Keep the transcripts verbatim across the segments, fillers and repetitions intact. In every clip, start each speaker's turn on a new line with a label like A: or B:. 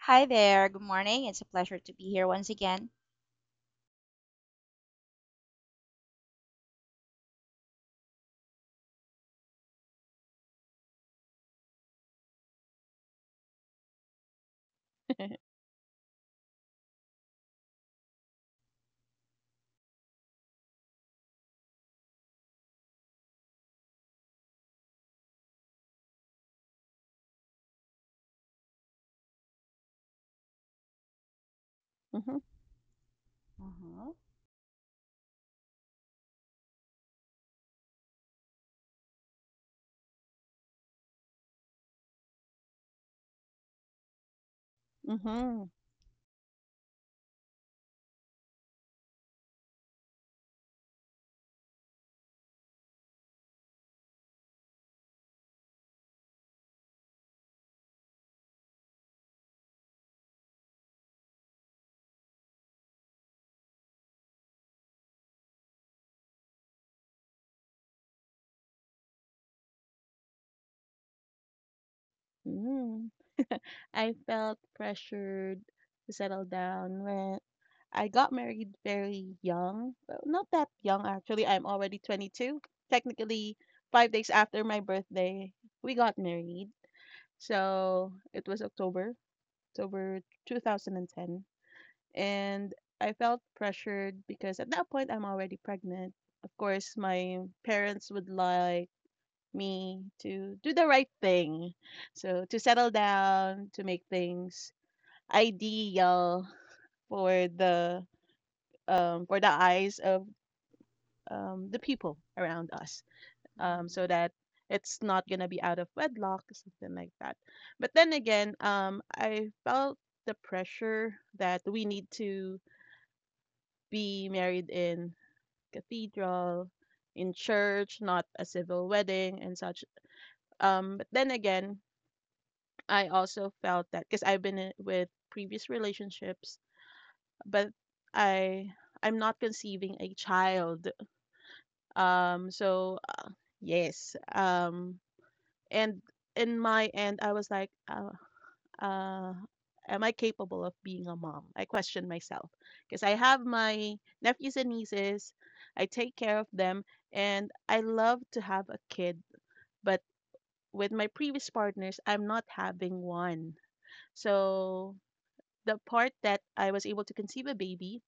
A: Hi there. Good morning. It's a pleasure to be here once again.
B: Mhm,
A: Uh-huh.
B: mhm, mm. I felt pressured to settle down when I got married very young. Well, not that young, actually. I'm already twenty-two. Technically, five days after my birthday, we got married. So it was October, October two thousand ten. And I felt pressured because at that point, I'm already pregnant. Of course, my parents would like me to do the right thing. So to settle down, to make things ideal for the um, for the eyes of um, the people around us, um,
A: Hmm.
B: so that it's not gonna be out of wedlock, something like that. But then again, um, I felt the pressure that we need to be married in cathedral, in church, not a civil wedding and such. Um, but then again, I also felt that because I've been in, with previous relationships, but I I'm not conceiving a child. Um, so uh, yes. Um, and in my end, I was like, uh, uh, am I capable of being a mom? I questioned myself because I have my nephews and nieces. I take care of them, and I love to have a kid, but with my previous partners, I'm not having one. So the part that I was able to conceive a baby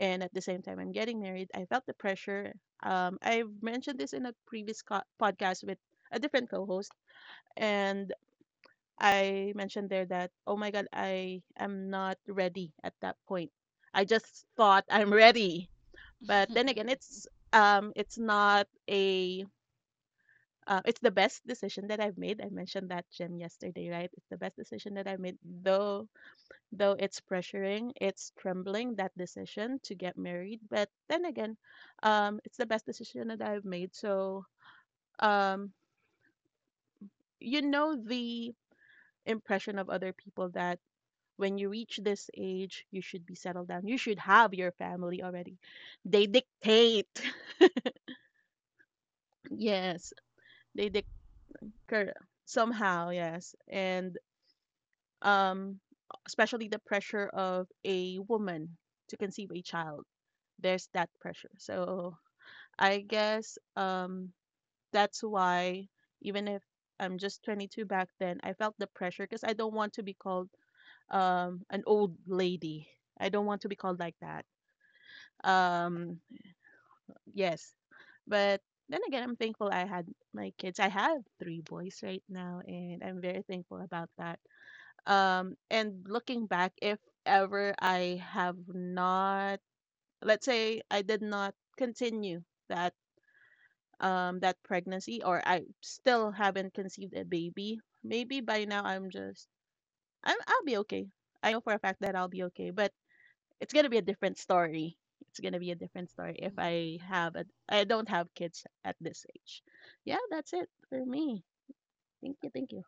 B: and at the same time I'm getting married, I felt the pressure. Um, I've mentioned this in a previous co- podcast with a different co-host, and I mentioned there that oh my god, I am not ready at that point. I just thought I'm ready, but then again, it's um, it's not a uh, it's the best decision that I've made. I mentioned that Jim yesterday, right? It's the best decision that I made, though Though it's pressuring, it's trembling that decision to get married. But then again, um, it's the best decision that I've made. So, um, you know the impression of other people that when you reach this age, you should be settled down. You should have your family already. They dictate. Yes, they dictate somehow, yes. And um especially the pressure of a woman to conceive a child. There's that pressure. So I guess um that's why even if I'm just twenty-two back then, I felt the pressure because I don't want to be called um an old lady. I don't want to be called like that. Um yes, but then again, I'm thankful I had my kids. I have three boys right now, and I'm very thankful about that. Um, and looking back, if ever I have not, let's say I did not continue that um that pregnancy or I still haven't conceived a baby, maybe by now I'm just I'm I'll be okay. I know for a fact that I'll be okay, but it's gonna be a different story. It's gonna be a different story if I have a I don't have kids at this age. Yeah, that's it for me. Thank you, thank you.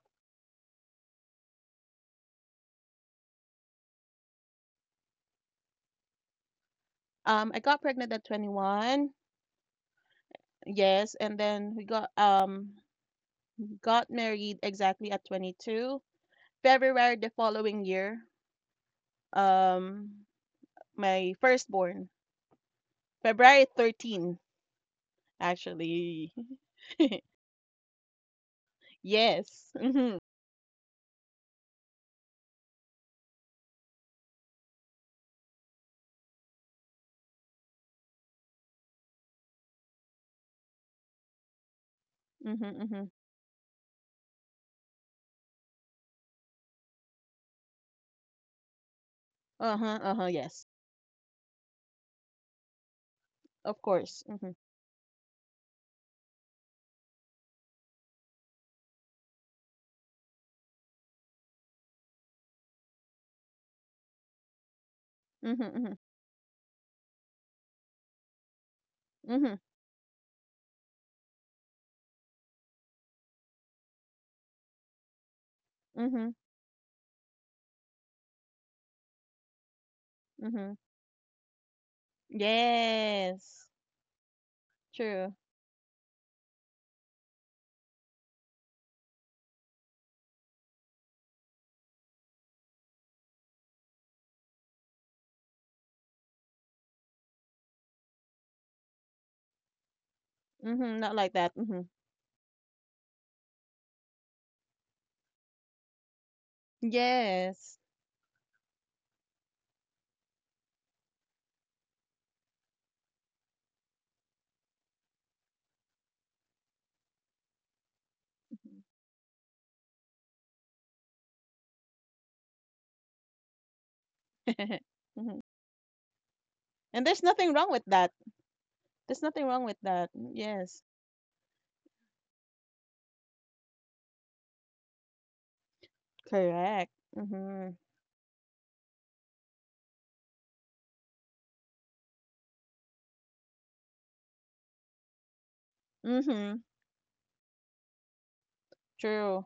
B: Um, I got pregnant at twenty-one. Yes, and then we got um got married exactly at twenty-two. February the following year. Um, my firstborn. February thirteenth, actually. Yes. Mm-hmm. Mm-hmm. Mm-hmm. Uh-huh. Uh-huh. Yes. Of course. Mm-hmm. Mm-hmm. Mm-hmm. Mm-hmm. Mm-hmm. Mm-hmm. Yes. True. Mm-hmm. Not like that. Mm-hmm. Yes. Mhm. Mhm. And there's nothing wrong with that. There's nothing wrong with that. Yes. Correct. Mm-hmm. Mm-hmm. True.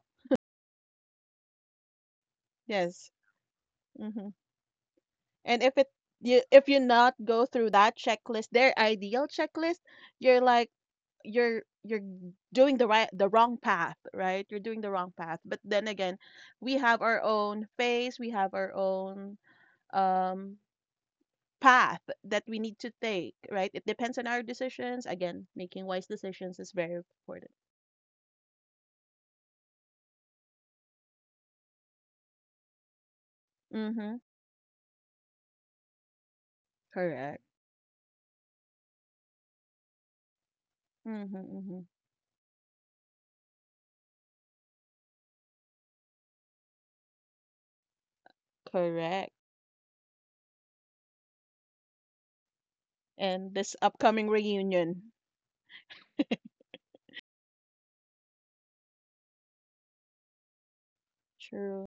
B: Yes. Mm-hmm. And if it you if you not go through that checklist, their ideal checklist, you're like you're you're doing the right the wrong path, right? You're doing the wrong path. But then again, we have our own phase, we have our own um path that we need to take, right? It depends on our decisions. Again, making wise decisions is very important. Mhm. Correct. Mhm. Mhm. Correct. And this upcoming reunion. True.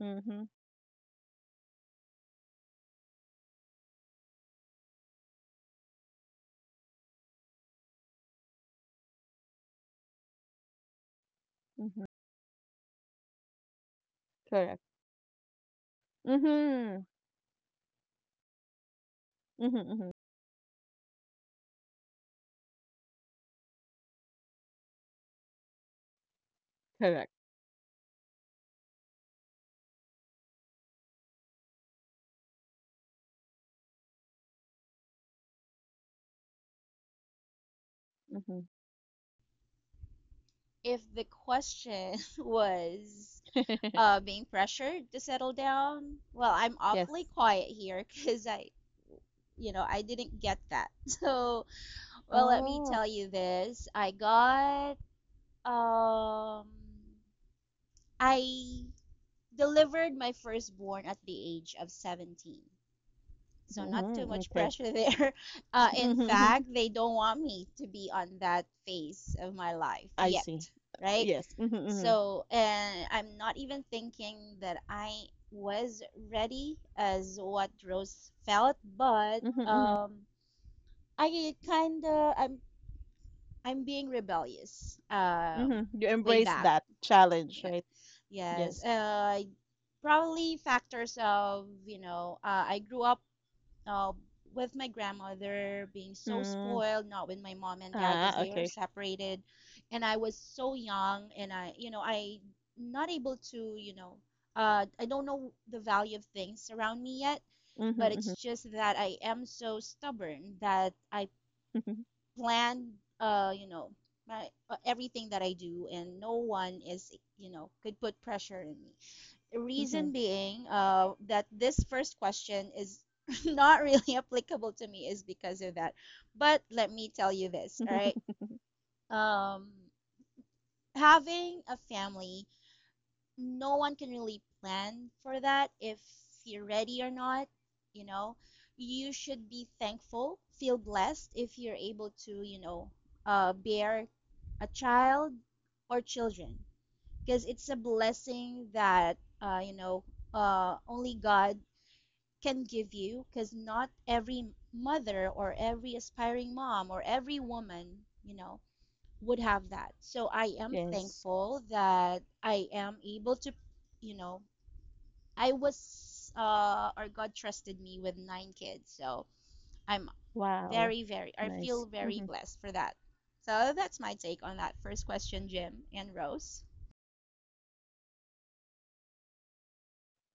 B: Mhm. Mhm. Correct. Mhm. Mhm, mhm. Correct. Mhm.
A: If the question was uh, being pressured to settle down, well, I'm
B: Yes.
A: awfully quiet here because I, you know, I didn't get that. So, well, let me
B: Oh.
A: tell you this. I got, um, I delivered my firstborn at the age of seventeen. So not too
B: Mhm,
A: much
B: okay.
A: pressure there. Uh, in
B: Mhm.
A: fact, they don't want me to be on that phase of my life
B: I see.
A: yet,
B: Uh,
A: right?
B: yes. Mhm, mhm.
A: So, and I'm not even thinking that I was ready as what Rose felt, but
B: Mhm, mhm.
A: um, I kind of I'm I'm being rebellious um,
B: Mhm. You
A: way
B: embrace
A: back.
B: that challenge,
A: Yeah.
B: right?
A: Yes,
B: Yes.
A: uh, probably factors of, you know, uh, I grew up uh, with my grandmother being so
B: Mm.
A: spoiled, not with my mom and dad because
B: Ah,
A: they were
B: okay.
A: separated, and I was so young, and I, you know, I not able to, you know, uh, I don't know the value of things around me yet, but it's
B: Mhm,
A: just that I am so stubborn that I
B: mhm.
A: plan, uh, you know, my uh, everything that I do, and no one is, you know, could put pressure on me reason
B: Mhm.
A: being uh, that this first question is not really applicable to me is because of that. But let me tell you this, all right? Um, Having a family, no one can really plan for that if you're ready or not, you know? You should be thankful, feel blessed if you're able to, you know, uh, bear a child or children because it's a blessing that, uh, you know, uh, only God can give you because not every mother or every aspiring mom or every woman, you know, would have that. So I am
B: Yes.
A: thankful that I am able to, you know, I was uh or God trusted me with nine kids. So I'm
B: Wow.
A: very very I
B: Nice.
A: feel very
B: Mhm.
A: blessed for that. So that's my take on that first question, Jim and Rose.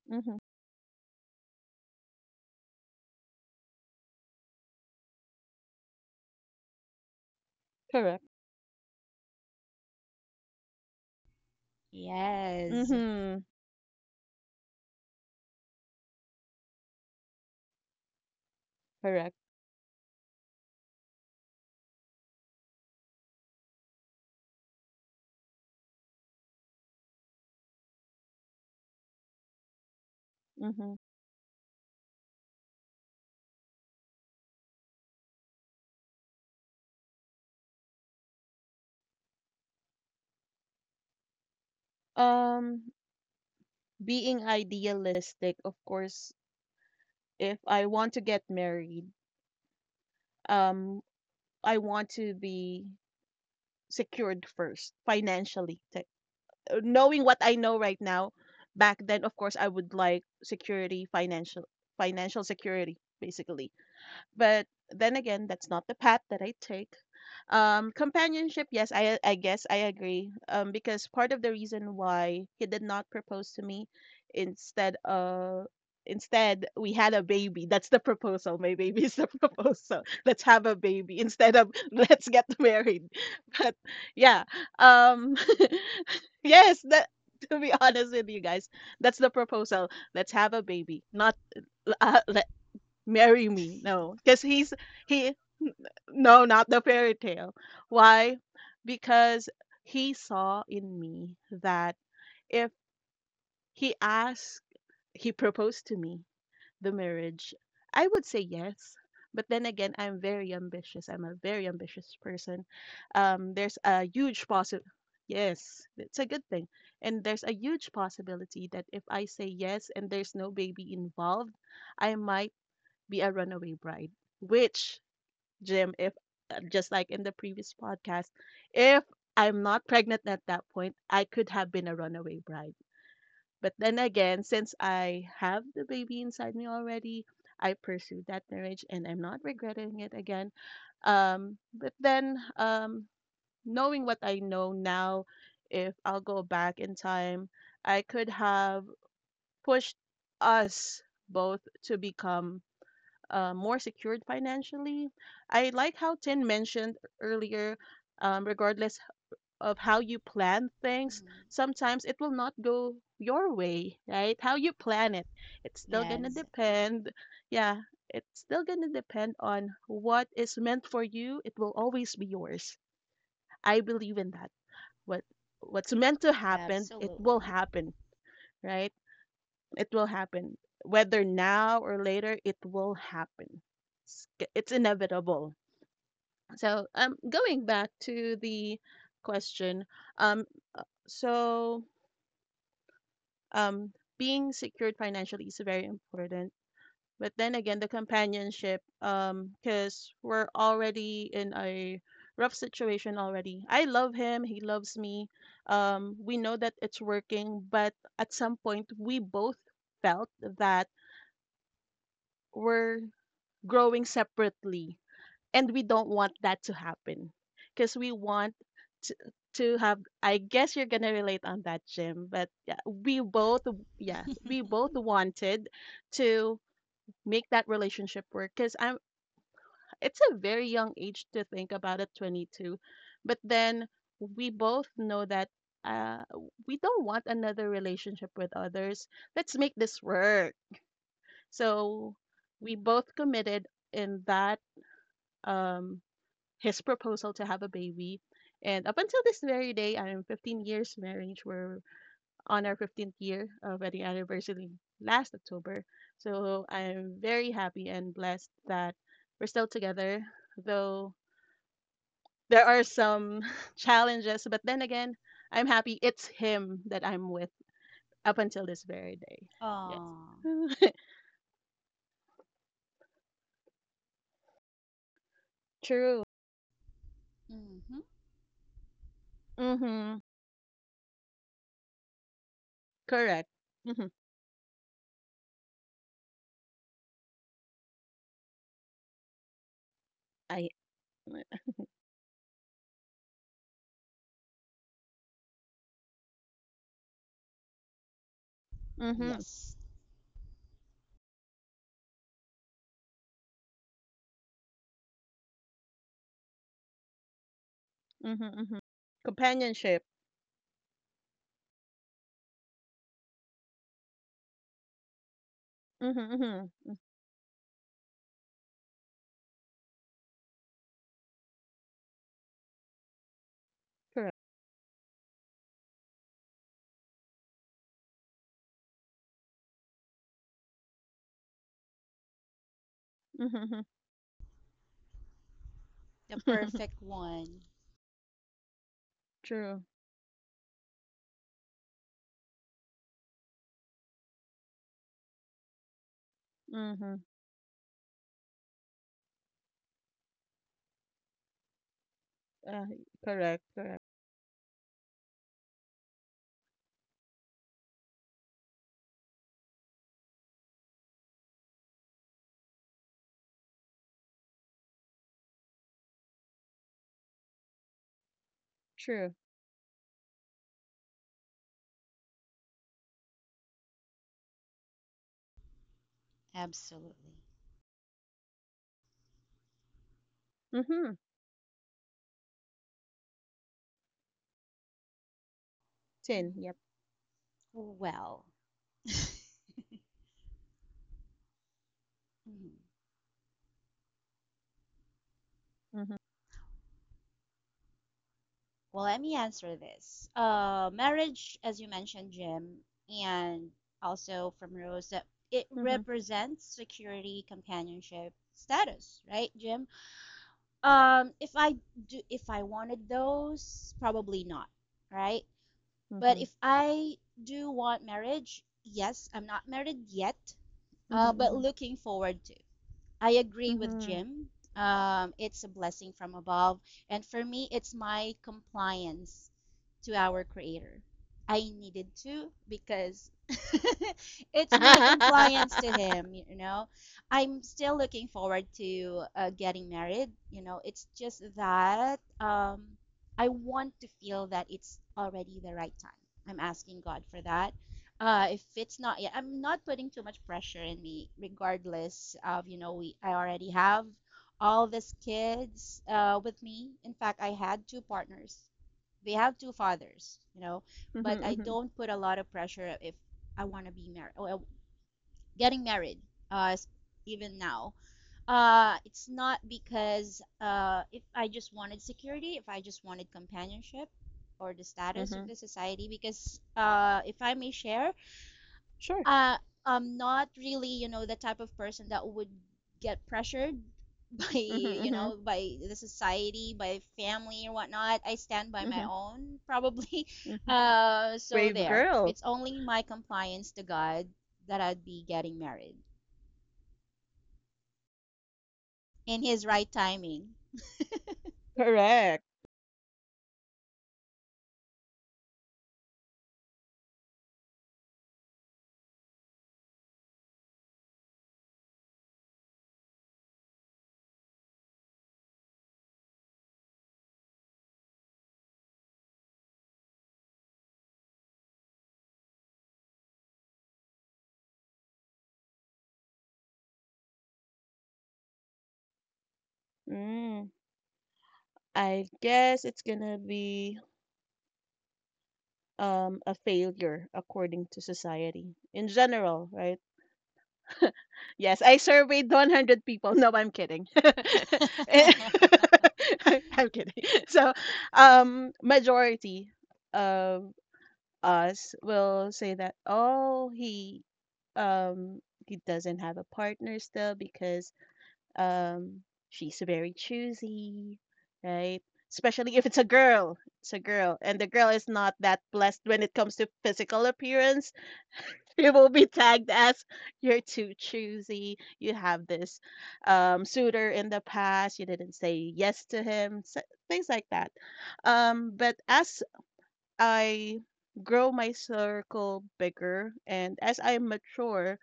B: Mhm. Correct.
A: Yes.
B: Mhm. Correct. Mhm. Um, being idealistic, of course, if I want to get married, um I want to be secured first financially. Te- uh, Knowing what I know right now, back then, of course, I would like security, financial, financial security, basically but then again, that's not the path that I take. Um, companionship, yes, I I guess I agree. Um, because part of the reason why he did not propose to me, instead uh instead we had a baby. That's the proposal. My baby is the proposal. Let's have a baby instead of let's get married. But yeah, um, yes, that to be honest with you guys, that's the proposal. Let's have a baby, not uh, le- marry me. No, because he's he no, not the fairy tale. Why? Because he saw in me that if he asked, he proposed to me the marriage, I would say yes. But then again, I'm very ambitious. I'm a very ambitious person. Um, there's a huge possi Yes, it's a good thing. And there's a huge possibility that if I say yes and there's no baby involved, I might be a runaway bride which Jim, if uh, just like in the previous podcast, if I'm not pregnant at that point, I could have been a runaway bride. But then again, since I have the baby inside me already, I pursued that marriage and I'm not regretting it again. Um, but then, um, knowing what I know now, if I'll go back in time, I could have pushed us both to become uh, more secured financially. I like how Tin mentioned earlier, um, regardless of how you plan things,
A: Mm,
B: sometimes it will not go your way, right? How you plan it, it's still gonna
A: yes,
B: depend. Yeah, it's still gonna depend on what is meant for you. It will always be yours. I believe in that. What what's meant to happen, it will
A: absolutely.
B: happen, right? It will happen. Whether now or later, it will happen. It's, it's inevitable. So, um, going back to the question, um, uh, so um being secured financially is very important but then again the companionship um because we're already in a rough situation already I love him he loves me um we know that it's working but at some point we both felt that we're growing separately. And we don't want that to happen because we want to, to have, I guess you're going to relate on that, Jim, but yeah, we both, yes, we both wanted to make that relationship work because I'm, it's a very young age to think about at twenty-two. But then we both know that uh, we don't want another relationship with others. Let's make this work. So we both committed in that um his proposal to have a baby. And up until this very day, I'm fifteen years marriage. We're on our fifteenth year of wedding anniversary last October. So I'm very happy and blessed that we're still together, though there are some challenges. But then again, I'm happy it's him that I'm with up until this very day. Yes.
A: Aww.
B: True.
A: Mm-hmm.
B: Mm-hmm. Correct. Mm-hmm. I. Mm-hmm. Mm-hmm.
A: Yes,
B: Mm-hmm. Companionship. Mm-hmm. Correct. Mhm.
A: the perfect one.
B: True. Mhm. Uh, correct. Correct. True.
A: Absolutely.
B: Mhm. Tin.
A: Mhm.
B: Yep.
A: Well, mhm.
B: Mhm.
A: Well, let me answer this. Uh, marriage, as you mentioned, Jim, and also from Rose, that it
B: Mhm.
A: represents security, companionship, status, right, Jim? Um, if I do, if I wanted those, probably not, right? But
B: Mhm.
A: if I do want marriage, yes, I'm not married yet,
B: Mhm.
A: uh, but
B: Mhm.
A: looking forward to. I agree with
B: Mhm.
A: Jim. Um, it's a blessing from above. And for me, it's my compliance to our Creator. I needed to because it's my compliance to Him, you know. I'm still looking forward to uh, getting married, you know. It's just that um, I want to feel that it's already the right time. I'm asking God for that. Uh if it's not yet, I'm not putting too much pressure in me, regardless of you know we I already have all these kids uh with me. In fact, I had two partners. They have two fathers, you know,
B: Mhm.
A: but I
B: Mhm.
A: don't put a lot of pressure if I want to be married or getting married, uh s- even now. Uh it's not because uh if I just wanted security, if I just wanted companionship, or the status of
B: Mhm.
A: the society because uh if I may share,
B: Sure.
A: uh, I'm not really, you know, the type of person that would get pressured by,
B: Mhm.
A: you
B: Mhm.
A: know, by the society, by family or whatnot. I stand by my
B: Mhm.
A: own, probably.
B: Mhm.
A: Uh, so
B: Brave
A: there.
B: girl.
A: It's only my compliance to God that I'd be getting married in His right timing.
B: Correct. Mm. I guess it's gonna be um a failure according to society in general, right? Yes, I surveyed one hundred people. No, I'm kidding. Eh, I'm kidding. So, um, majority of us will say that, oh, he, um, he doesn't have a partner still because, um, she's very choosy, right? Especially if it's a girl. It's a girl, and the girl is not that blessed when it comes to physical appearance. It will be tagged as "You're too choosy. You have this, um, suitor in the past. You didn't say yes to him." s- Things like that. Um, but as I grow my circle bigger and as I mature,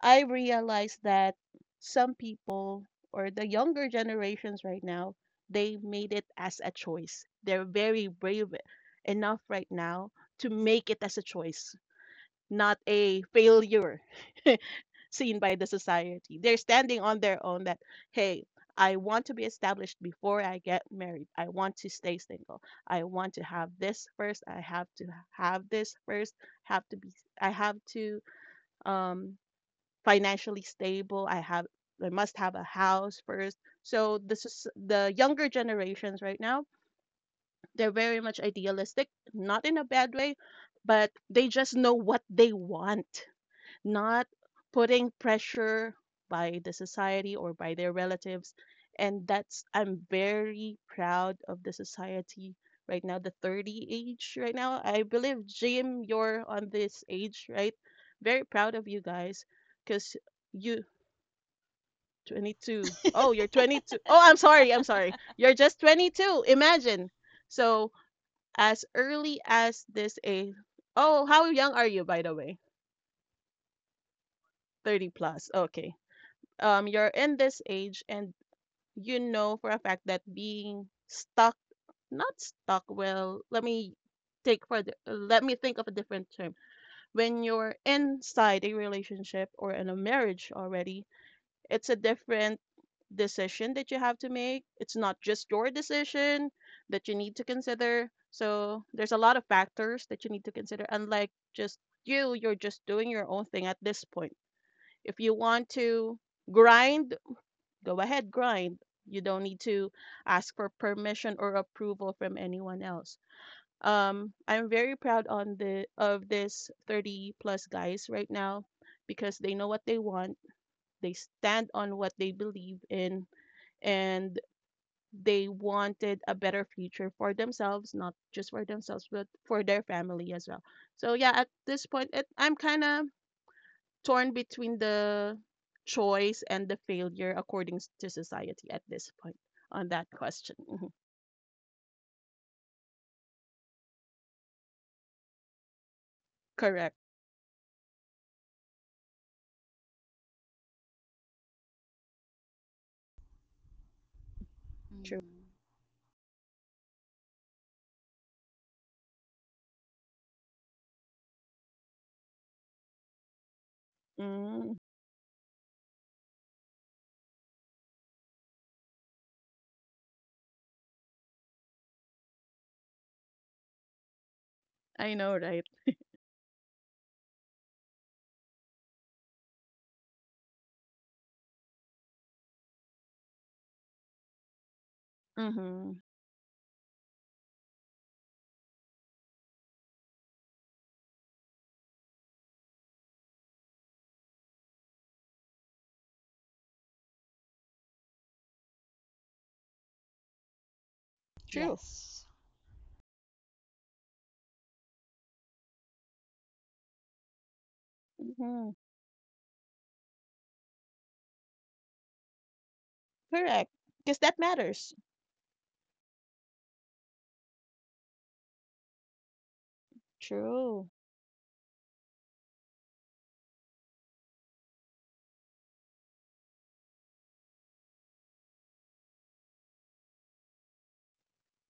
B: I realize that some people or the younger generations right now, they made it as a choice. They're very brave enough right now to make it as a choice not a failure seen by the society. They're standing on their own that, hey, I want to be established before I get married. I want to stay single. I want to have this first. I have to have this first. Have to be I have to um financially stable. I have I must have a house first. So this is the younger generations right now, they're very much idealistic, not in a bad way, but they just know what they want not putting pressure by the society or by their relatives. And that's, I'm very proud of the society right now, the thirty age right now. I believe, Jim, you're on this age, right? Very proud of you guys because you, twenty-two. Oh, you're twenty-two. Oh, I'm sorry. I'm sorry. You're just twenty-two. Imagine. So, as early as this age. Oh, how young are you, by the way? thirty plus. Okay. Um you're in this age and you know for a fact that being stuck not stuck, well, let me take for the, let me think of a different term. When you're inside a relationship or in a marriage already, it's a different decision that you have to make. It's not just your decision that you need to consider, so there's a lot of factors that you need to consider, unlike just you you're just doing your own thing. At this point, if you want to grind, go ahead, grind. You don't need to ask for permission or approval from anyone else. Um, I'm very proud on the of this thirty plus guys right now because they know what they want, they stand on what they believe in, and they wanted a better future for themselves, not just for themselves, but for their family as well. So yeah, at this point, it, I'm kind of torn between the choice and the failure according to society at this point on that question. Mhm. Correct.
A: Mm,
B: Mm, I know, right? Mm-hmm. True.
A: yes,
B: Mm-hmm. Correct. Because that matters. True.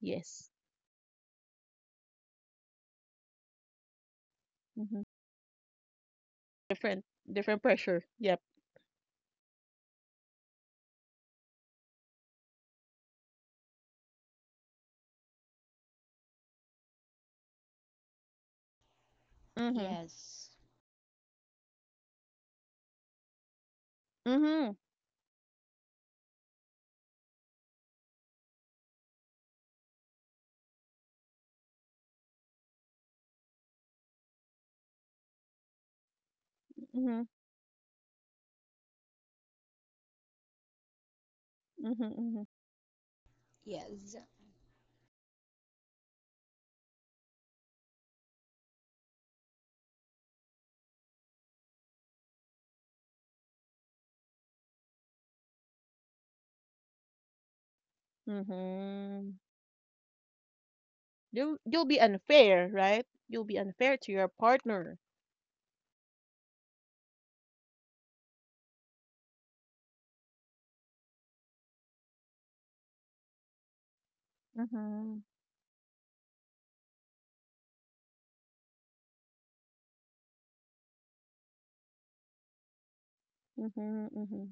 B: Yes. Mm-hmm. Different, different pressure. Yep. Mm-hmm.
A: yes,
B: Mm-hmm. Mm-hmm. Mm-hmm.
A: yes,
B: Mm-hmm. Mm-hmm. You'll, you'll be unfair, right? You'll be unfair to your partner. Mm-hmm. Mm-hmm. Mm-hmm.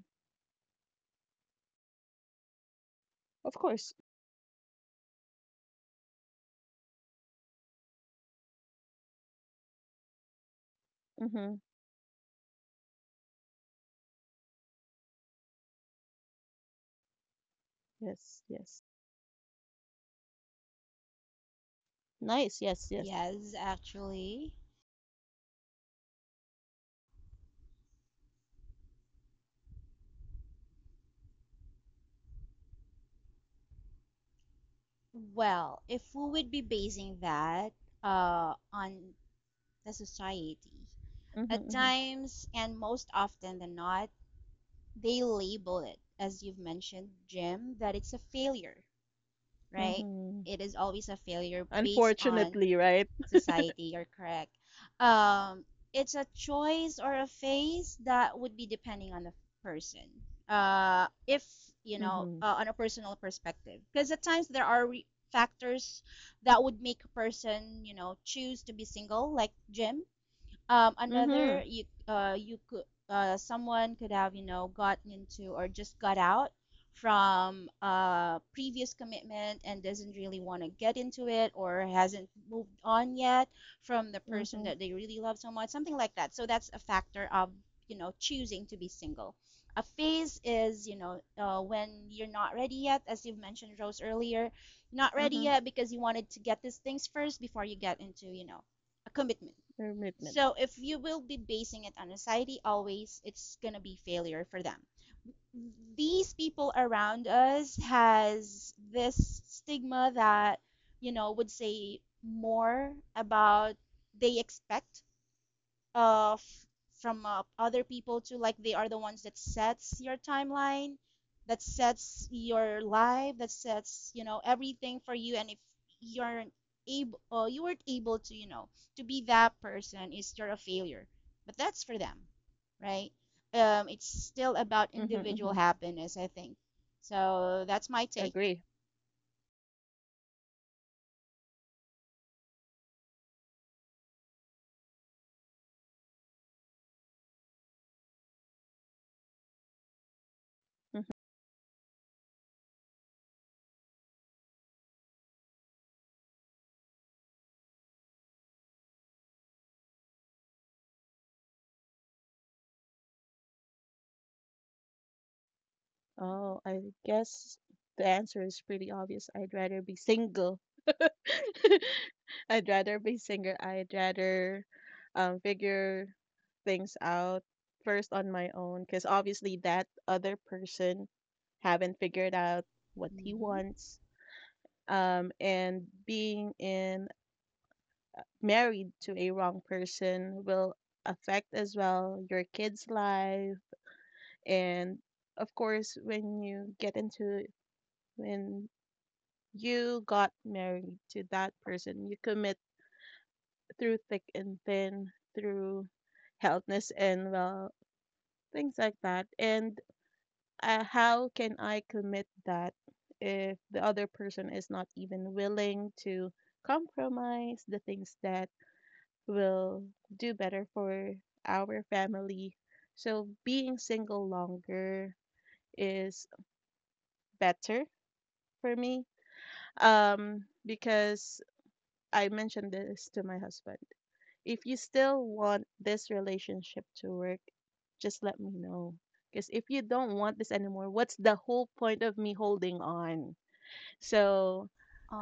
B: Of course. Mm-hmm. Yes, yes. Nice. Yes, yes.
A: yes, actually. Well, if we would be basing that uh, on the society,
B: Mm-hmm,
A: at
B: mm-hmm,
A: times and most often than not, they label it, as you've mentioned, Jim, that it's a failure, right?
B: mm-hmm.
A: It is always a failure based on
B: Unfortunately, right?
A: society. You're correct. Um, it's a choice or a phase that would be depending on the person. Uh, if you know,
B: Mm-hmm.
A: uh, on a personal perspective, because at times there are re- factors that would make a person, you know, choose to be single, like Jim. Um,
B: Mm-hmm.
A: another, you uh, you could uh, someone could have you know gotten into or just got out from a previous commitment and doesn't really want to get into it or hasn't moved on yet from the person
B: Mm-hmm.
A: that they really love so much, something like that. So that's a factor of you know choosing to be single. A phase is you know uh, when you're not ready yet, as you've mentioned, Rose, earlier, not ready
B: Mm-hmm.
A: yet because you wanted to get these things first before you get into you know a commitment.
B: Commitment.
A: So if you will be basing it on society always, it's gonna be failure for them. These people around us has this stigma that you know would say more about they expect uh f- from uh, other people too, like they are the ones that sets your timeline, that sets your life, that sets you know everything for you. And if you're able uh, you weren't able to you know to be that person is you're a failure, but that's for them, right? Um it's still about
B: Mm-hmm,
A: individual
B: mm-hmm.
A: happiness, I think. So that's my take.
B: Agree. Oh, I guess the answer is pretty obvious. I'd rather be single. I'd rather be single. I'd rather um, figure things out first on my own, because obviously that other person haven't figured out what he
A: Mm-hmm.
B: wants, um, and being in uh, married to a wrong person will affect as well your kids' life. And of course, when you get into when you got married to that person, you commit through thick and thin, through healthness and well things like that. And uh, how can I commit that if the other person is not even willing to compromise the things that will do better for our family? So being single longer is better for me, um, because I mentioned this to my husband. If you still want this relationship to work, just let me know. Because if you don't want this anymore, what's the whole point of me holding on? So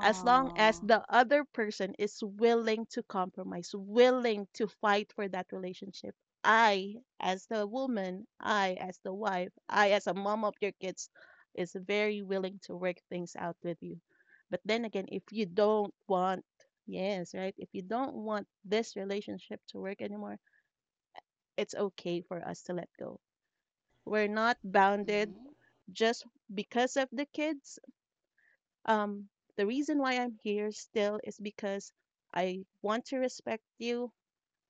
B: as long as the other person is willing to compromise, willing to fight for that relationship, I, as the woman, I, as the wife, I, as a mom of your kids, is very willing to work things out with you. But then again, if you don't want, yes, right, if you don't want this relationship to work anymore, it's okay for us to let go. We're not bounded
A: Mm-hmm.
B: just because of the kids um, the reason why I'm here still is because I want to respect you.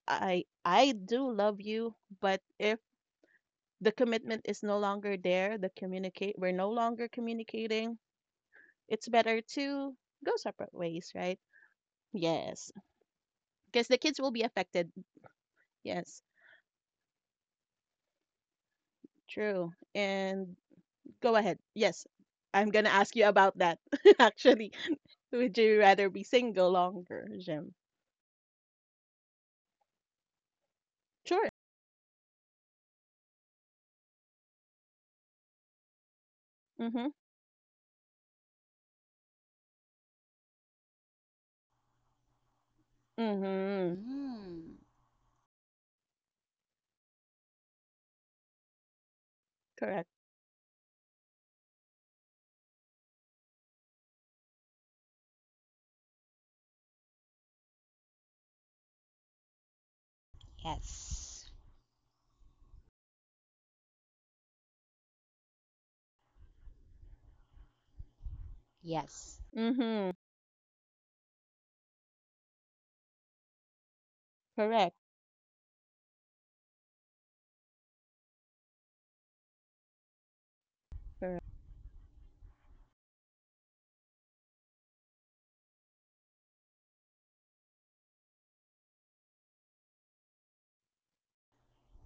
B: I I do love you, but if the commitment is no longer there, the communicate we're no longer communicating, it's better to go separate ways, right? Yes. Because the kids will be affected. Yes. True. And go ahead. Yes. I'm gonna ask you about that actually. Would you rather be single longer, Jim? Sure. Mm-hmm. Mm-hmm.
A: Mm.
B: Correct.
A: Yes, yes.
B: Mhm. Correct. Correct.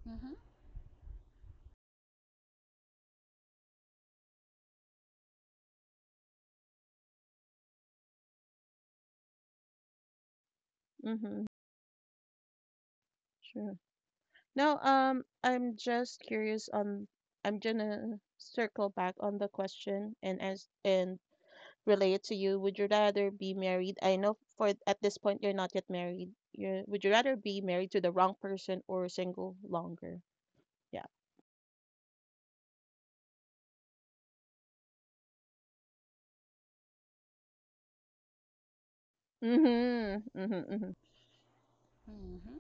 A: Mm-hmm.
B: Mhm. Sure. Now, um, I'm just curious on I'm gonna circle back on the question and as and relate it to you. Would you rather be married? I know for at this point you're not yet married. You Would you rather be married to the wrong person or single longer? Yeah. Mhm. Mhm. Mhm.
A: Hmm.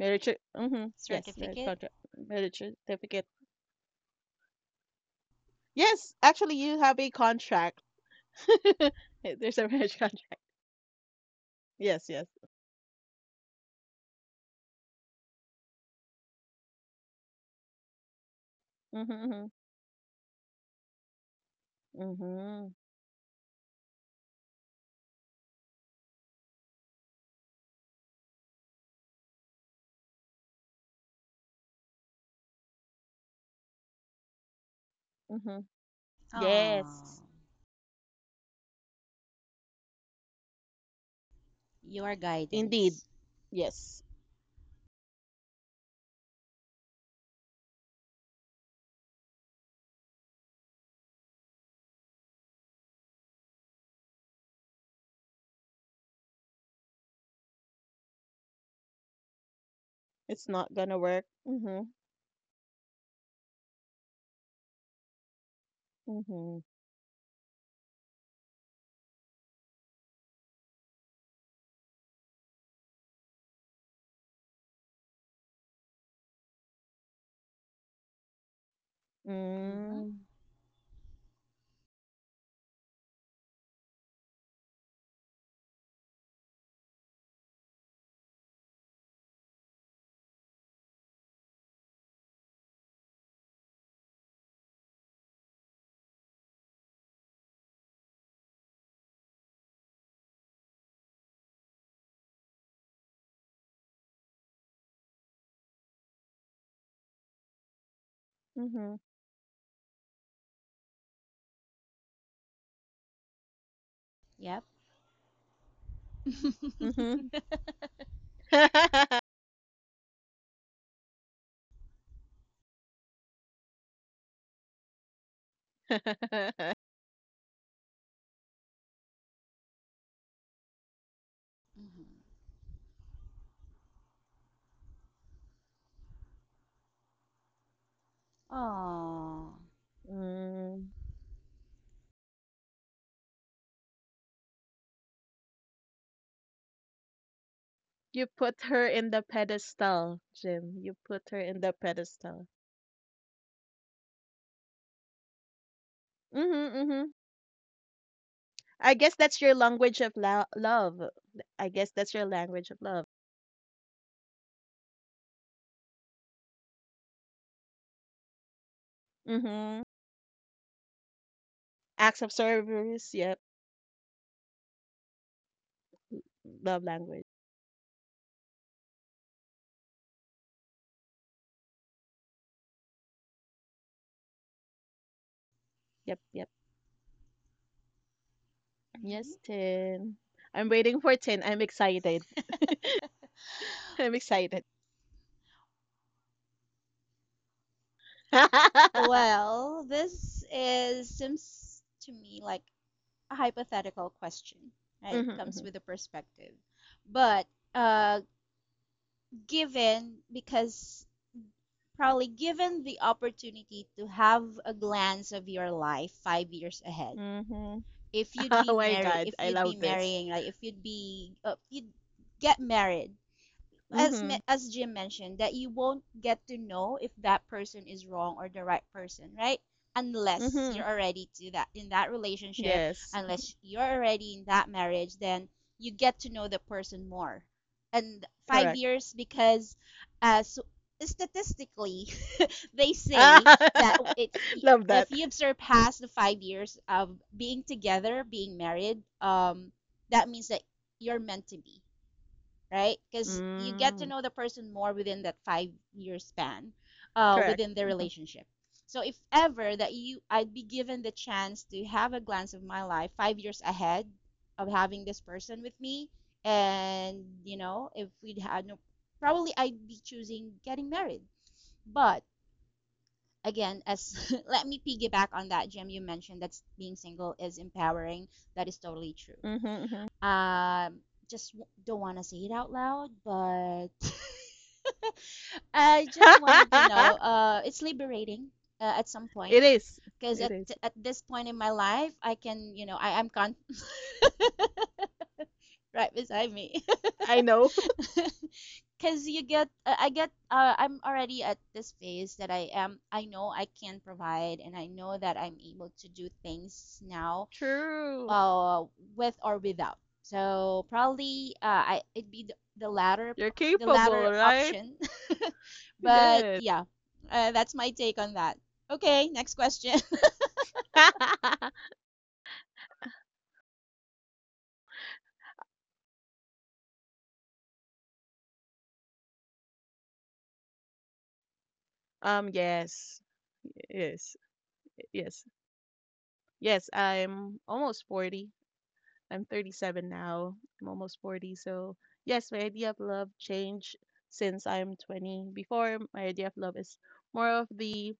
B: Marriage. cer- Mhm. Yes. Marriage
A: Certificate.
B: contract. Marriage certificate. Yes. Actually, you have a contract. There's a marriage contract. Yes. Yes. Mhm, mhm, mhm, mhm.
A: Oh,
B: Yes,
A: your
B: indeed.
A: guidance.
B: Yes, it's not gonna work. Mhm, mhm,
A: Mm-hmm.
B: mm, mhm,
A: Yep.
B: mhm.
A: Mm-hmm. Oh.
B: Mm. You put her in the pedestal, Jim. You put her in the pedestal. Mhm, mhm. I guess that's your language of lo love. I guess that's your language of love. Mhm. Acts of service. Yep. Love language. Yep, yep. Yes,
A: Mm-hmm.
B: Tin. I'm waiting for Tin. I'm excited. I'm excited.
A: Well, this is seems to me like a hypothetical question, right? It comes
B: Mm-hmm,
A: with a perspective. But uh, given, because probably given the opportunity to have a glance of your life five years ahead,
B: mm-hmm.
A: if you'd be
B: Oh my
A: married,
B: God,
A: if
B: I
A: you'd be
B: love this.
A: marrying, like if you'd be, uh, if you'd get married, as
B: Mm-hmm,
A: as Jim mentioned, that you won't get to know if that person is wrong or the right person, right? Unless
B: mm-hmm.
A: you're already to that in that relationship,
B: Yes,
A: unless you're already in that marriage, then you get to know the person more. And five
B: correct.
A: years because, uh, so statistically, they say that
B: Ah,
A: it's
B: love that.
A: if you've surpassed the five years of being together, being married, um, that means that you're meant to be, right? Because you get to
B: Mm,
A: know the person more within that five year span, uh,
B: correct.
A: within the
B: Mm-hmm,
A: relationship. So if ever that you, I'd be given the chance to have a glance of my life five years ahead of having this person with me, and you know, if we'd had no, probably I'd be choosing getting married. But again, as let me piggyback on that, Jim. You mentioned that being single is empowering. That is totally true.
B: mm-hmm.
A: um just w- don't want to say it out loud, but I just wanted to know, uh it's liberating, uh, at some
B: It
A: point
B: is.
A: because
B: It
A: at,
B: is.
A: at this point in my life I can you know i am con- right beside me
B: I know.
A: because you get uh, I get uh, I'm already at this phase that i am i know I can provide and I know that I'm able to do things now,
B: True.
A: uh, with or without. So probably uh, I it'd be the, the latter
B: You're
A: the latter
B: capable, right?
A: option. But
B: Yes.
A: yeah, uh, that's my take on that. Okay, next question.
B: Um, yes. Yes, yes. Yes, I'm almost forty. I'm thirty-seven now. I'm almost forty. So, yes, my idea of love changed since I'm twenty. Before, my idea of love is more of the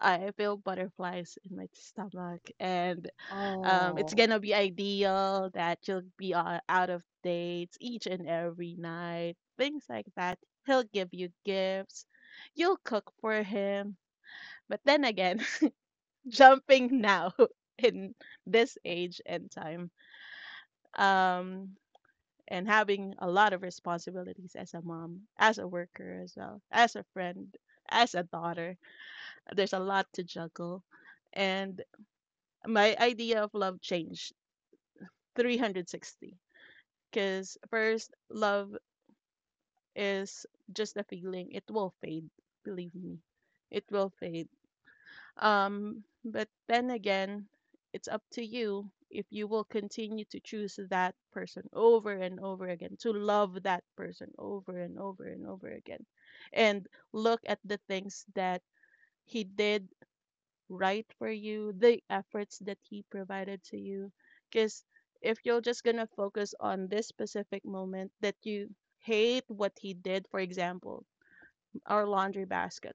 B: I feel butterflies in my stomach and um, it's
A: Oh,
B: gonna be ideal that you'll be o- out of dates each and every night, things like that. He'll give you gifts, you'll cook for him. But then again, jumping now in this age and time, um and having a lot of responsibilities as a mom, as a worker as well, as a friend, as a daughter, there's a lot to juggle, and my idea of love changed three hundred sixty. Because first love is just a feeling, it will fade, believe me, it will fade. Um, but then again, it's up to you if you will continue to choose that person over and over again, to love that person over and over and over again, and look at the things that he did right for you, the efforts that he provided to you. Because if you're just going to focus on this specific moment that you hate what he did, for example, our laundry basket,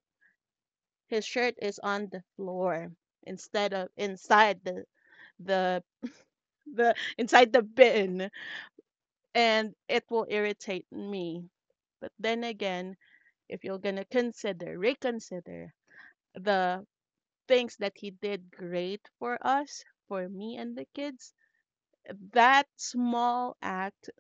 B: his shirt is on the floor instead of inside the the the inside the bin, and it will irritate me. But then again, if you're going to consider, reconsider the things that he did great for us, for me and the kids, that small act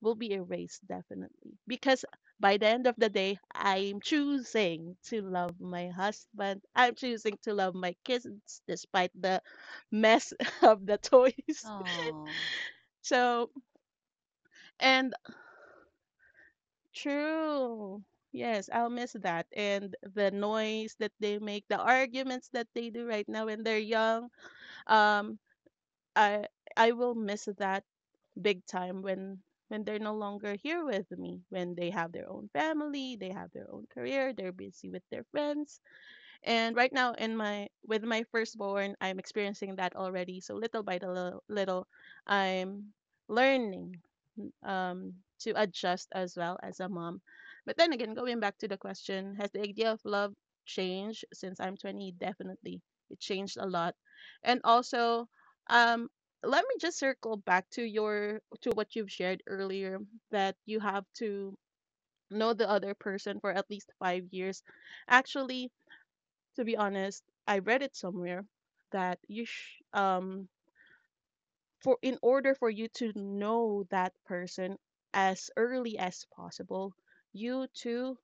B: will be erased definitely, because by the end of the day, I'm choosing to love my husband, I'm choosing to love my kids, despite the mess of the toys.
A: oh,
B: So, and true, yes, I'll miss that and the noise that they make, the arguments that they do right now when they're young, um i i will miss that big time when when they're no longer here with me, when they have their own family, they have their own career, they're busy with their friends. And right now in my with my firstborn, I'm experiencing that already. So little by the little, little I'm learning, um, to adjust as well as a mom. But then again, going back to the question, has the idea of love changed since I'm twenty? Definitely. It changed a lot. And also, um, let me just circle back to your to what you've shared earlier that you have to know the other person for at least five years. Actually, to be honest, I read it somewhere that you sh- um for in order for you to know that person as early as possible, you to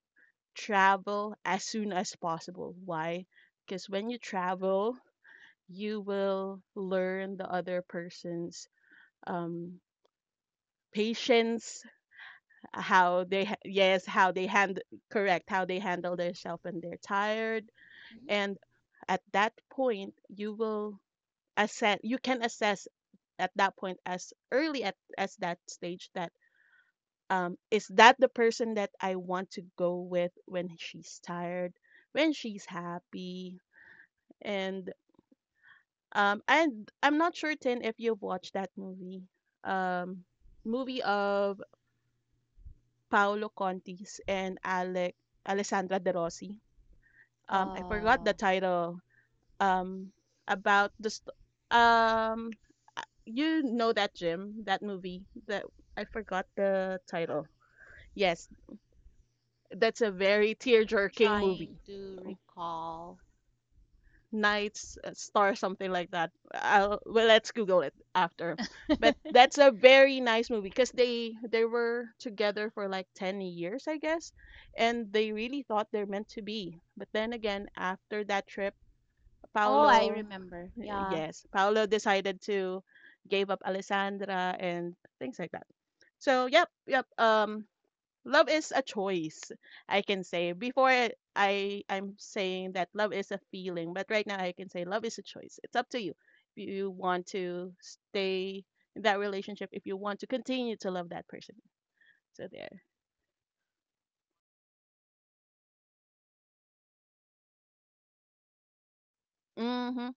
B: travel as soon as possible. Why? Because when you travel, you will learn the other person's um patience, how they ha- yes, how they hand correct, how they handle themselves when they're tired,
A: mhm.
B: and at that point you will assess, you can assess at that point as early at as that stage that um is that the person that I want to go with when she's tired, when she's happy, and um and I'm not sure certain if you've watched that movie, um movie of Paolo Contis and Alec Alessandra De Rossi. Um, I forgot
A: uh,
B: the title, um about the st- um uh, you know that, Jim, that movie that I forgot the title. Yes, that's a very tear-jerking
A: Trying
B: movie.
A: to recall.
B: Knights uh, Star something like that. I'll, well, let's Google it after. But that's a very nice movie because they they were together for like ten years, I guess, and they really thought they're meant to be. But then again, after that trip,
A: Oh, I
B: Paulo,
A: remember. Yeah.
B: yes, Paulo decided to gave up Alessandra, and things like that. So yep, yep. Um, love is a choice, I can say. Before I I- I'm saying that love is a feeling, but right now I can say love is a choice. It's up to you if you want to stay in that relationship, if you want to continue to love that person. So there. Mhm.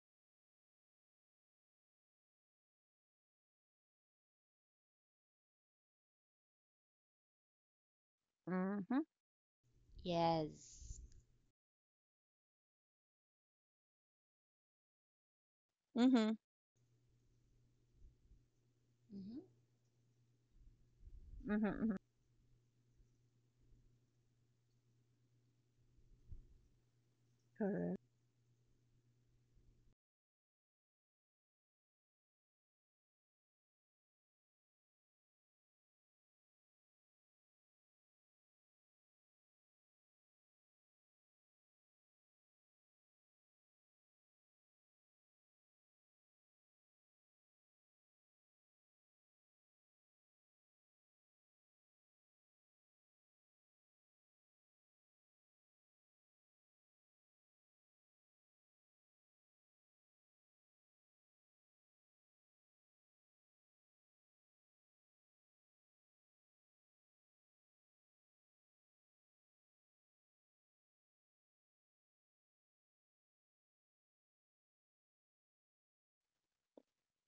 B: Mhm.
A: Yes.
B: Mhm.
A: Hmm.
B: Mhm. Mhm. Correct.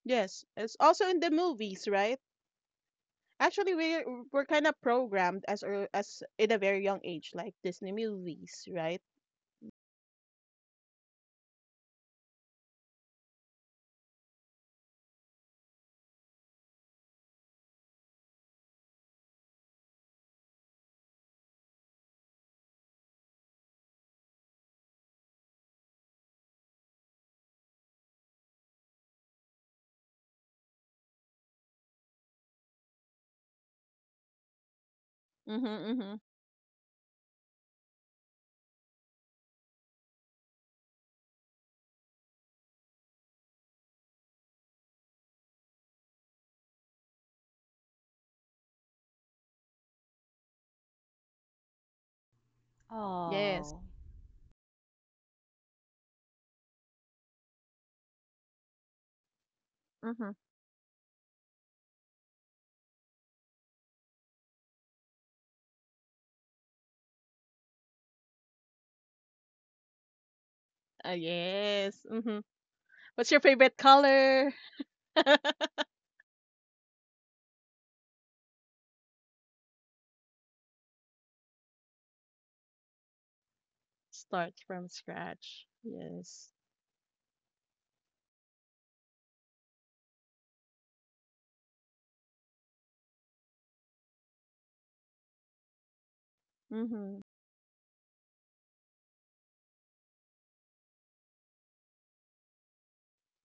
B: Yes, it's also in the movies, right? Actually, we're we're kind of programmed as ear- as in a very young age, like Disney movies, right? Mm-hmm, mm-hmm. Yes.
A: Oh.
B: Mm-hmm. Uh, yes. Mm-hmm. What's your favorite color? Start from scratch. Yes. Mm-hmm.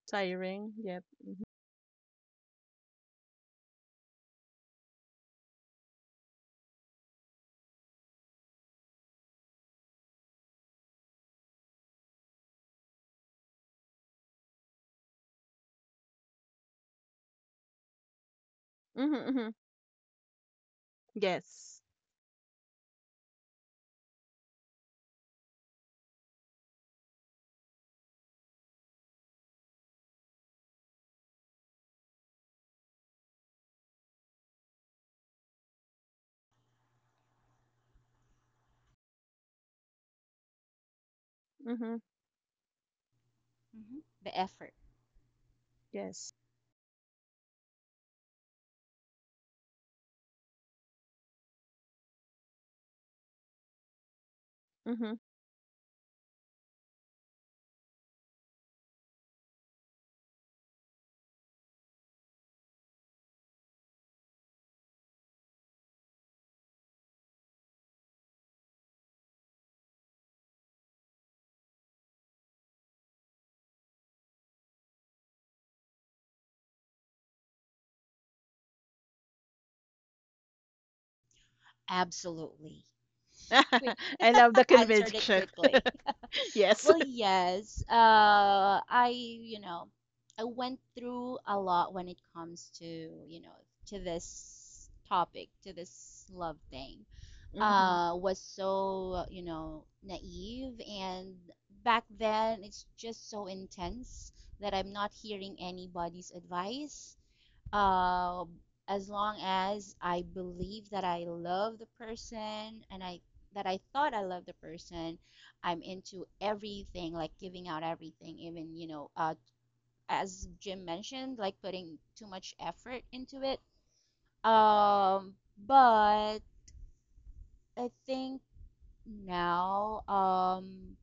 B: Tiring. Yep. Mm-hmm, mm-hmm. Yes. Mm-hmm.
A: Hmm the effort.
B: Yes. Mm-hmm.
A: Absolutely. Quick,
B: I love the
A: answered it
B: conviction.
A: quickly.
B: Yes.
A: Well, yes. Uh, I, you know, I went through a lot when it comes to, you know, to this topic, to this love thing.
B: Mm-hmm.
A: Uh, was so, you know, naive and back then it's just so intense that I'm not hearing anybody's advice, uh, as long as I believe that I love the person and I that I thought I loved the person, I'm into everything, like giving out everything, even you know, uh, as Jim mentioned, like putting too much effort into it. Um, but I think now, um,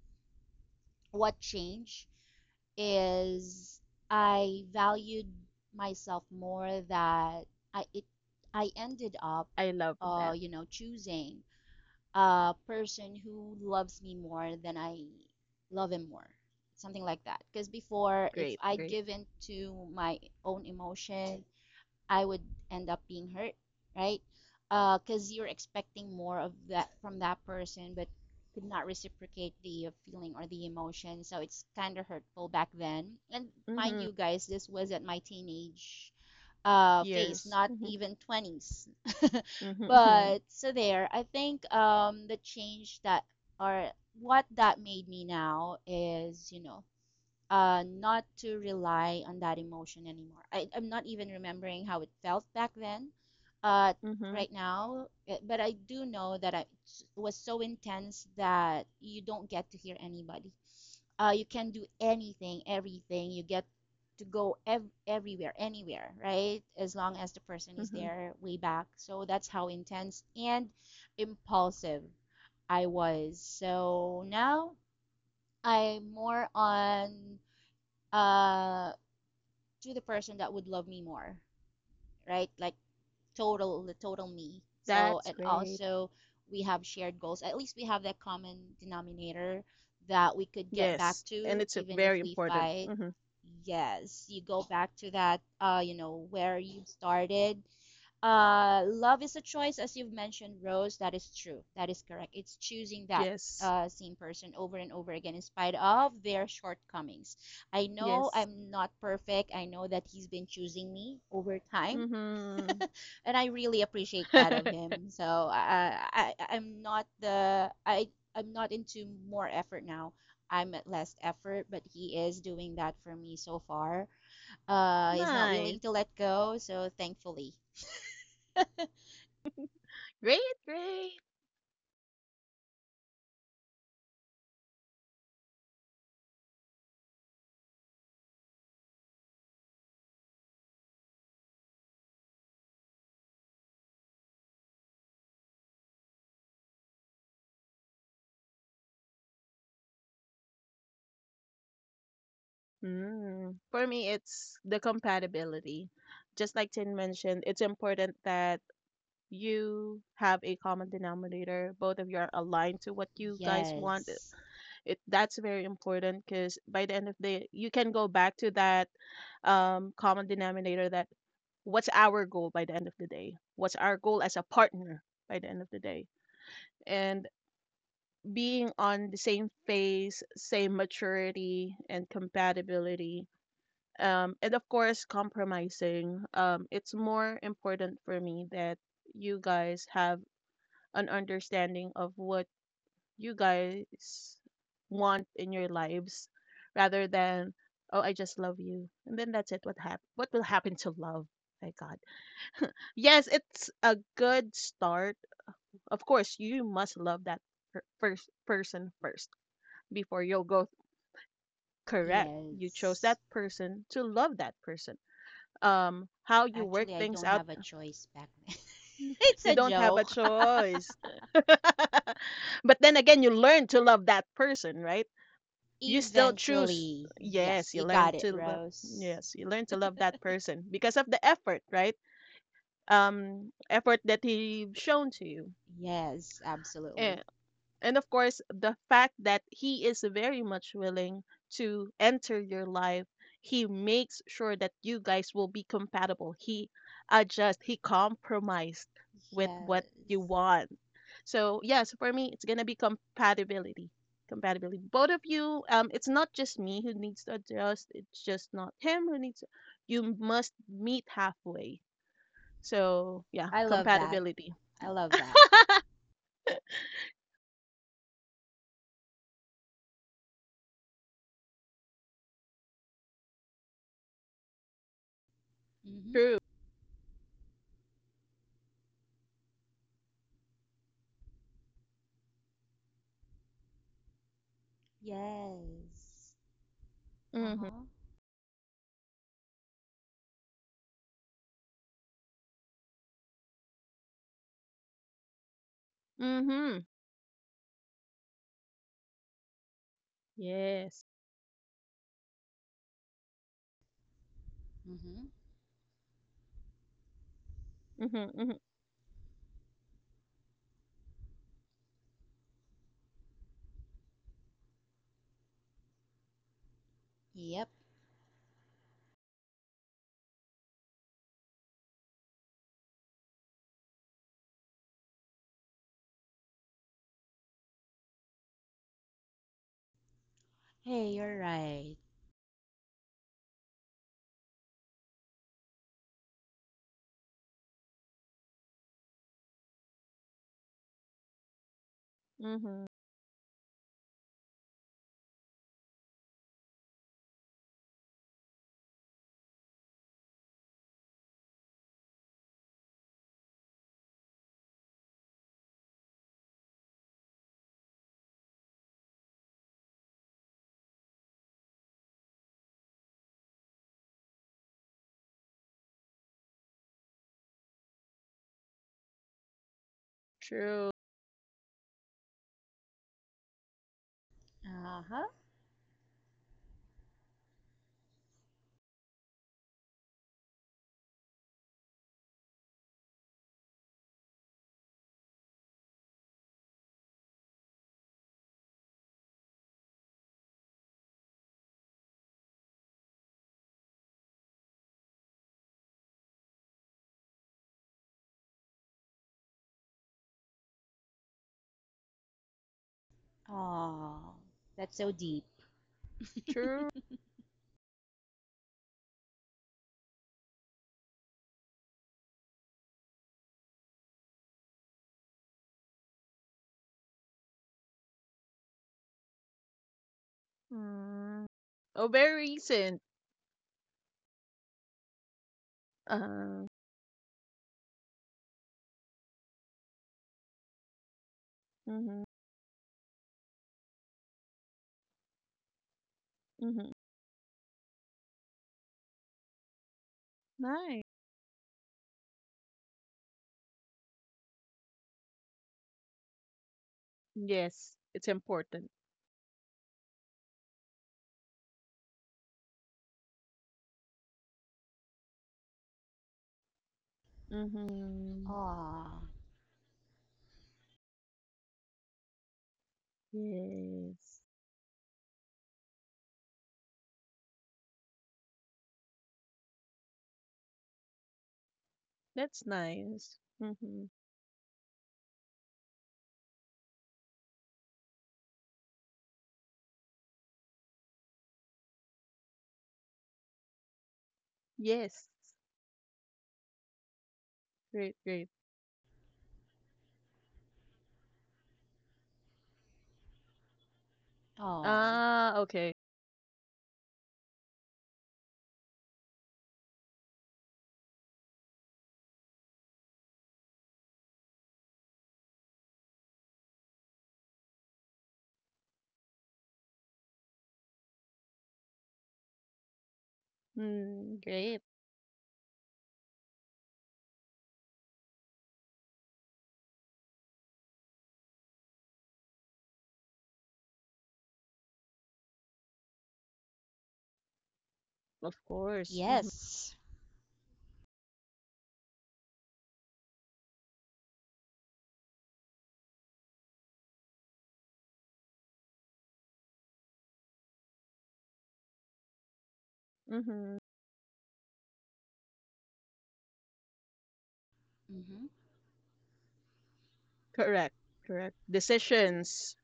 A: what changed is I valued myself more that I it I ended up
B: I love
A: uh
B: that.
A: you know choosing a person who loves me more than I love him more, something like that, because before, if
B: Great,
A: I'd
B: great.
A: given to my own emotion, I would end up being hurt, right? Because uh, you're expecting more of that from that person, but could not reciprocate the feeling or the emotion. So it's kind of hurtful back then. And mind
B: Mm-hmm.
A: you, guys, this was at my teenage uh, phase,
B: Years.
A: not
B: Mm-hmm.
A: even twenties.
B: Mm-hmm. Mm-hmm.
A: But so there, I think um, the change that or what that made me now is, you know, uh, not to rely on that emotion anymore. I, I'm not even remembering how it felt back then, uh,
B: Mm-hmm.
A: right now, eh, but I do know that I, it was so intense that you don't get to hear anybody. Uh, you can do anything, everything. You get to go ev- everywhere, anywhere, right? As long as the person is
B: mm-hmm.
A: there way back. So that's how intense and impulsive I was. So now I'm more on uh, to the person that would love me more, right? Like total, the total me. So,
B: That's
A: and
B: great.
A: also we have shared goals. At least we have that common denominator that we could get back
B: Yes. And
A: to,
B: it's a
A: even if
B: very
A: we
B: important.
A: fight.
B: Hmm.
A: Yes, you go back to that, uh, you know, where you started, uh, love is a choice, as you've mentioned, Rose. That is true. That is correct. It's choosing that
B: Yes.
A: uh, same person over and over again in spite of their shortcomings. I know
B: Yes.
A: I'm not perfect. I know that he's been choosing me over time,
B: Hmm.
A: and I really appreciate that of him. So I, I, I- am not the I, I'm not into more effort now. I'm at less effort, but he is doing that for me so far. Uh, he's not
B: Nice.
A: willing to let go, so thankfully,
B: Great, great. Mm. For me, it's the compatibility. Just like Tin mentioned, it's important that you have a common denominator. Both of you are aligned to what you guys want.
A: yes.
B: It that's very important, because by the end of the you can go back to that, um, common denominator, that what's our goal by the end of the day? What's our goal as a partner by the end of the day? And being on the same phase, same maturity and compatibility. Um, and of course, compromising. Um, it's more important for me that you guys have an understanding of what you guys want in your lives rather than oh I just love you, and then that's it. What hap- what will happen to love, my God? Yes, it's a good start, of course, you must love that per- first person first before you'll go, correct, you chose
A: Yes.
B: that person to love that person, um how you work
A: Actually, I
B: things
A: don't
B: out,
A: have a choice back then. It's
B: you
A: a
B: don't have a
A: joke.
B: choice. But then again, you learn to love that person, right? You still choose,
A: Eventually.
B: yes,
A: Yes,
B: you
A: you
B: learn
A: got it,
B: to love,
A: Rose.
B: yes, you learn to love that person because of the effort, right? Um, effort that he shown to you,
A: Yes, absolutely.
B: and, and of course the fact that he is very much willing to enter your life, he makes sure that you guys will be compatible, he adjust, he compromised with what you
A: Yes.
B: want. So yes, for me, it's gonna be compatibility. Compatibility. Both of you, um, it's not just me who needs to adjust. It's just not him who needs. You must meet halfway. So yeah,
A: I love that.
B: compatibility.
A: I love that. Mhm.
B: True.
A: Yes.
B: Mhm.
A: Uh-huh.
B: Mhm. Yes.
A: Mhm.
B: Mhm. Mhm.
A: Yep. Hey, you're right.
B: Mhm. True.
A: Uh-huh. Oh, that's so deep.
B: True. Mm. Oh, very recent. Uh. Mhm. Mhm. Nice. Yes, it's important. Mhm.
A: Oh.
B: Yes. That's nice. Mm-hmm. Yes. Great, great.
A: Oh.
B: Ah, okay. Mm, great. Of course. Mm-hmm.
A: Yes.
B: Mm-hmm.
A: Mhm.
B: Correct, correct. Decisions.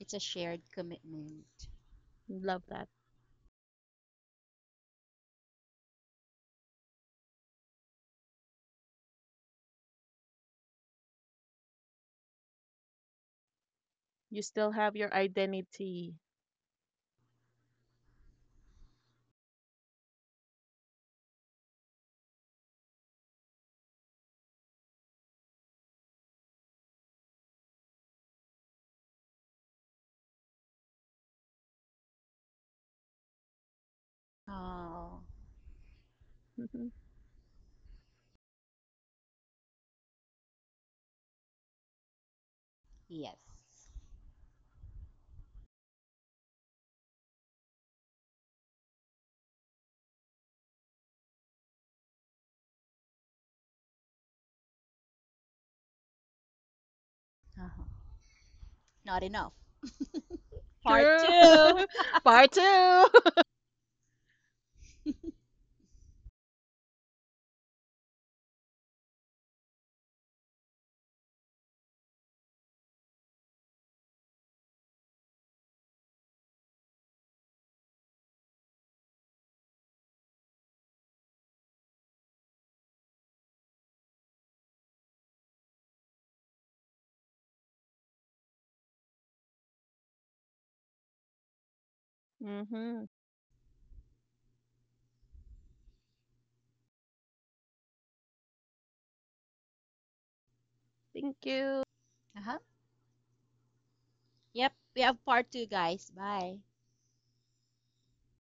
A: It's a shared commitment.
B: Love that. You still have your identity.
A: Oh.
B: Mhm.
A: Yes. Uh-huh. Not enough. Part two.
B: True.
A: Uh-huh.
B: Part two. Mm-hmm. Thank you.
A: Yep, we have part two, guys. Bye.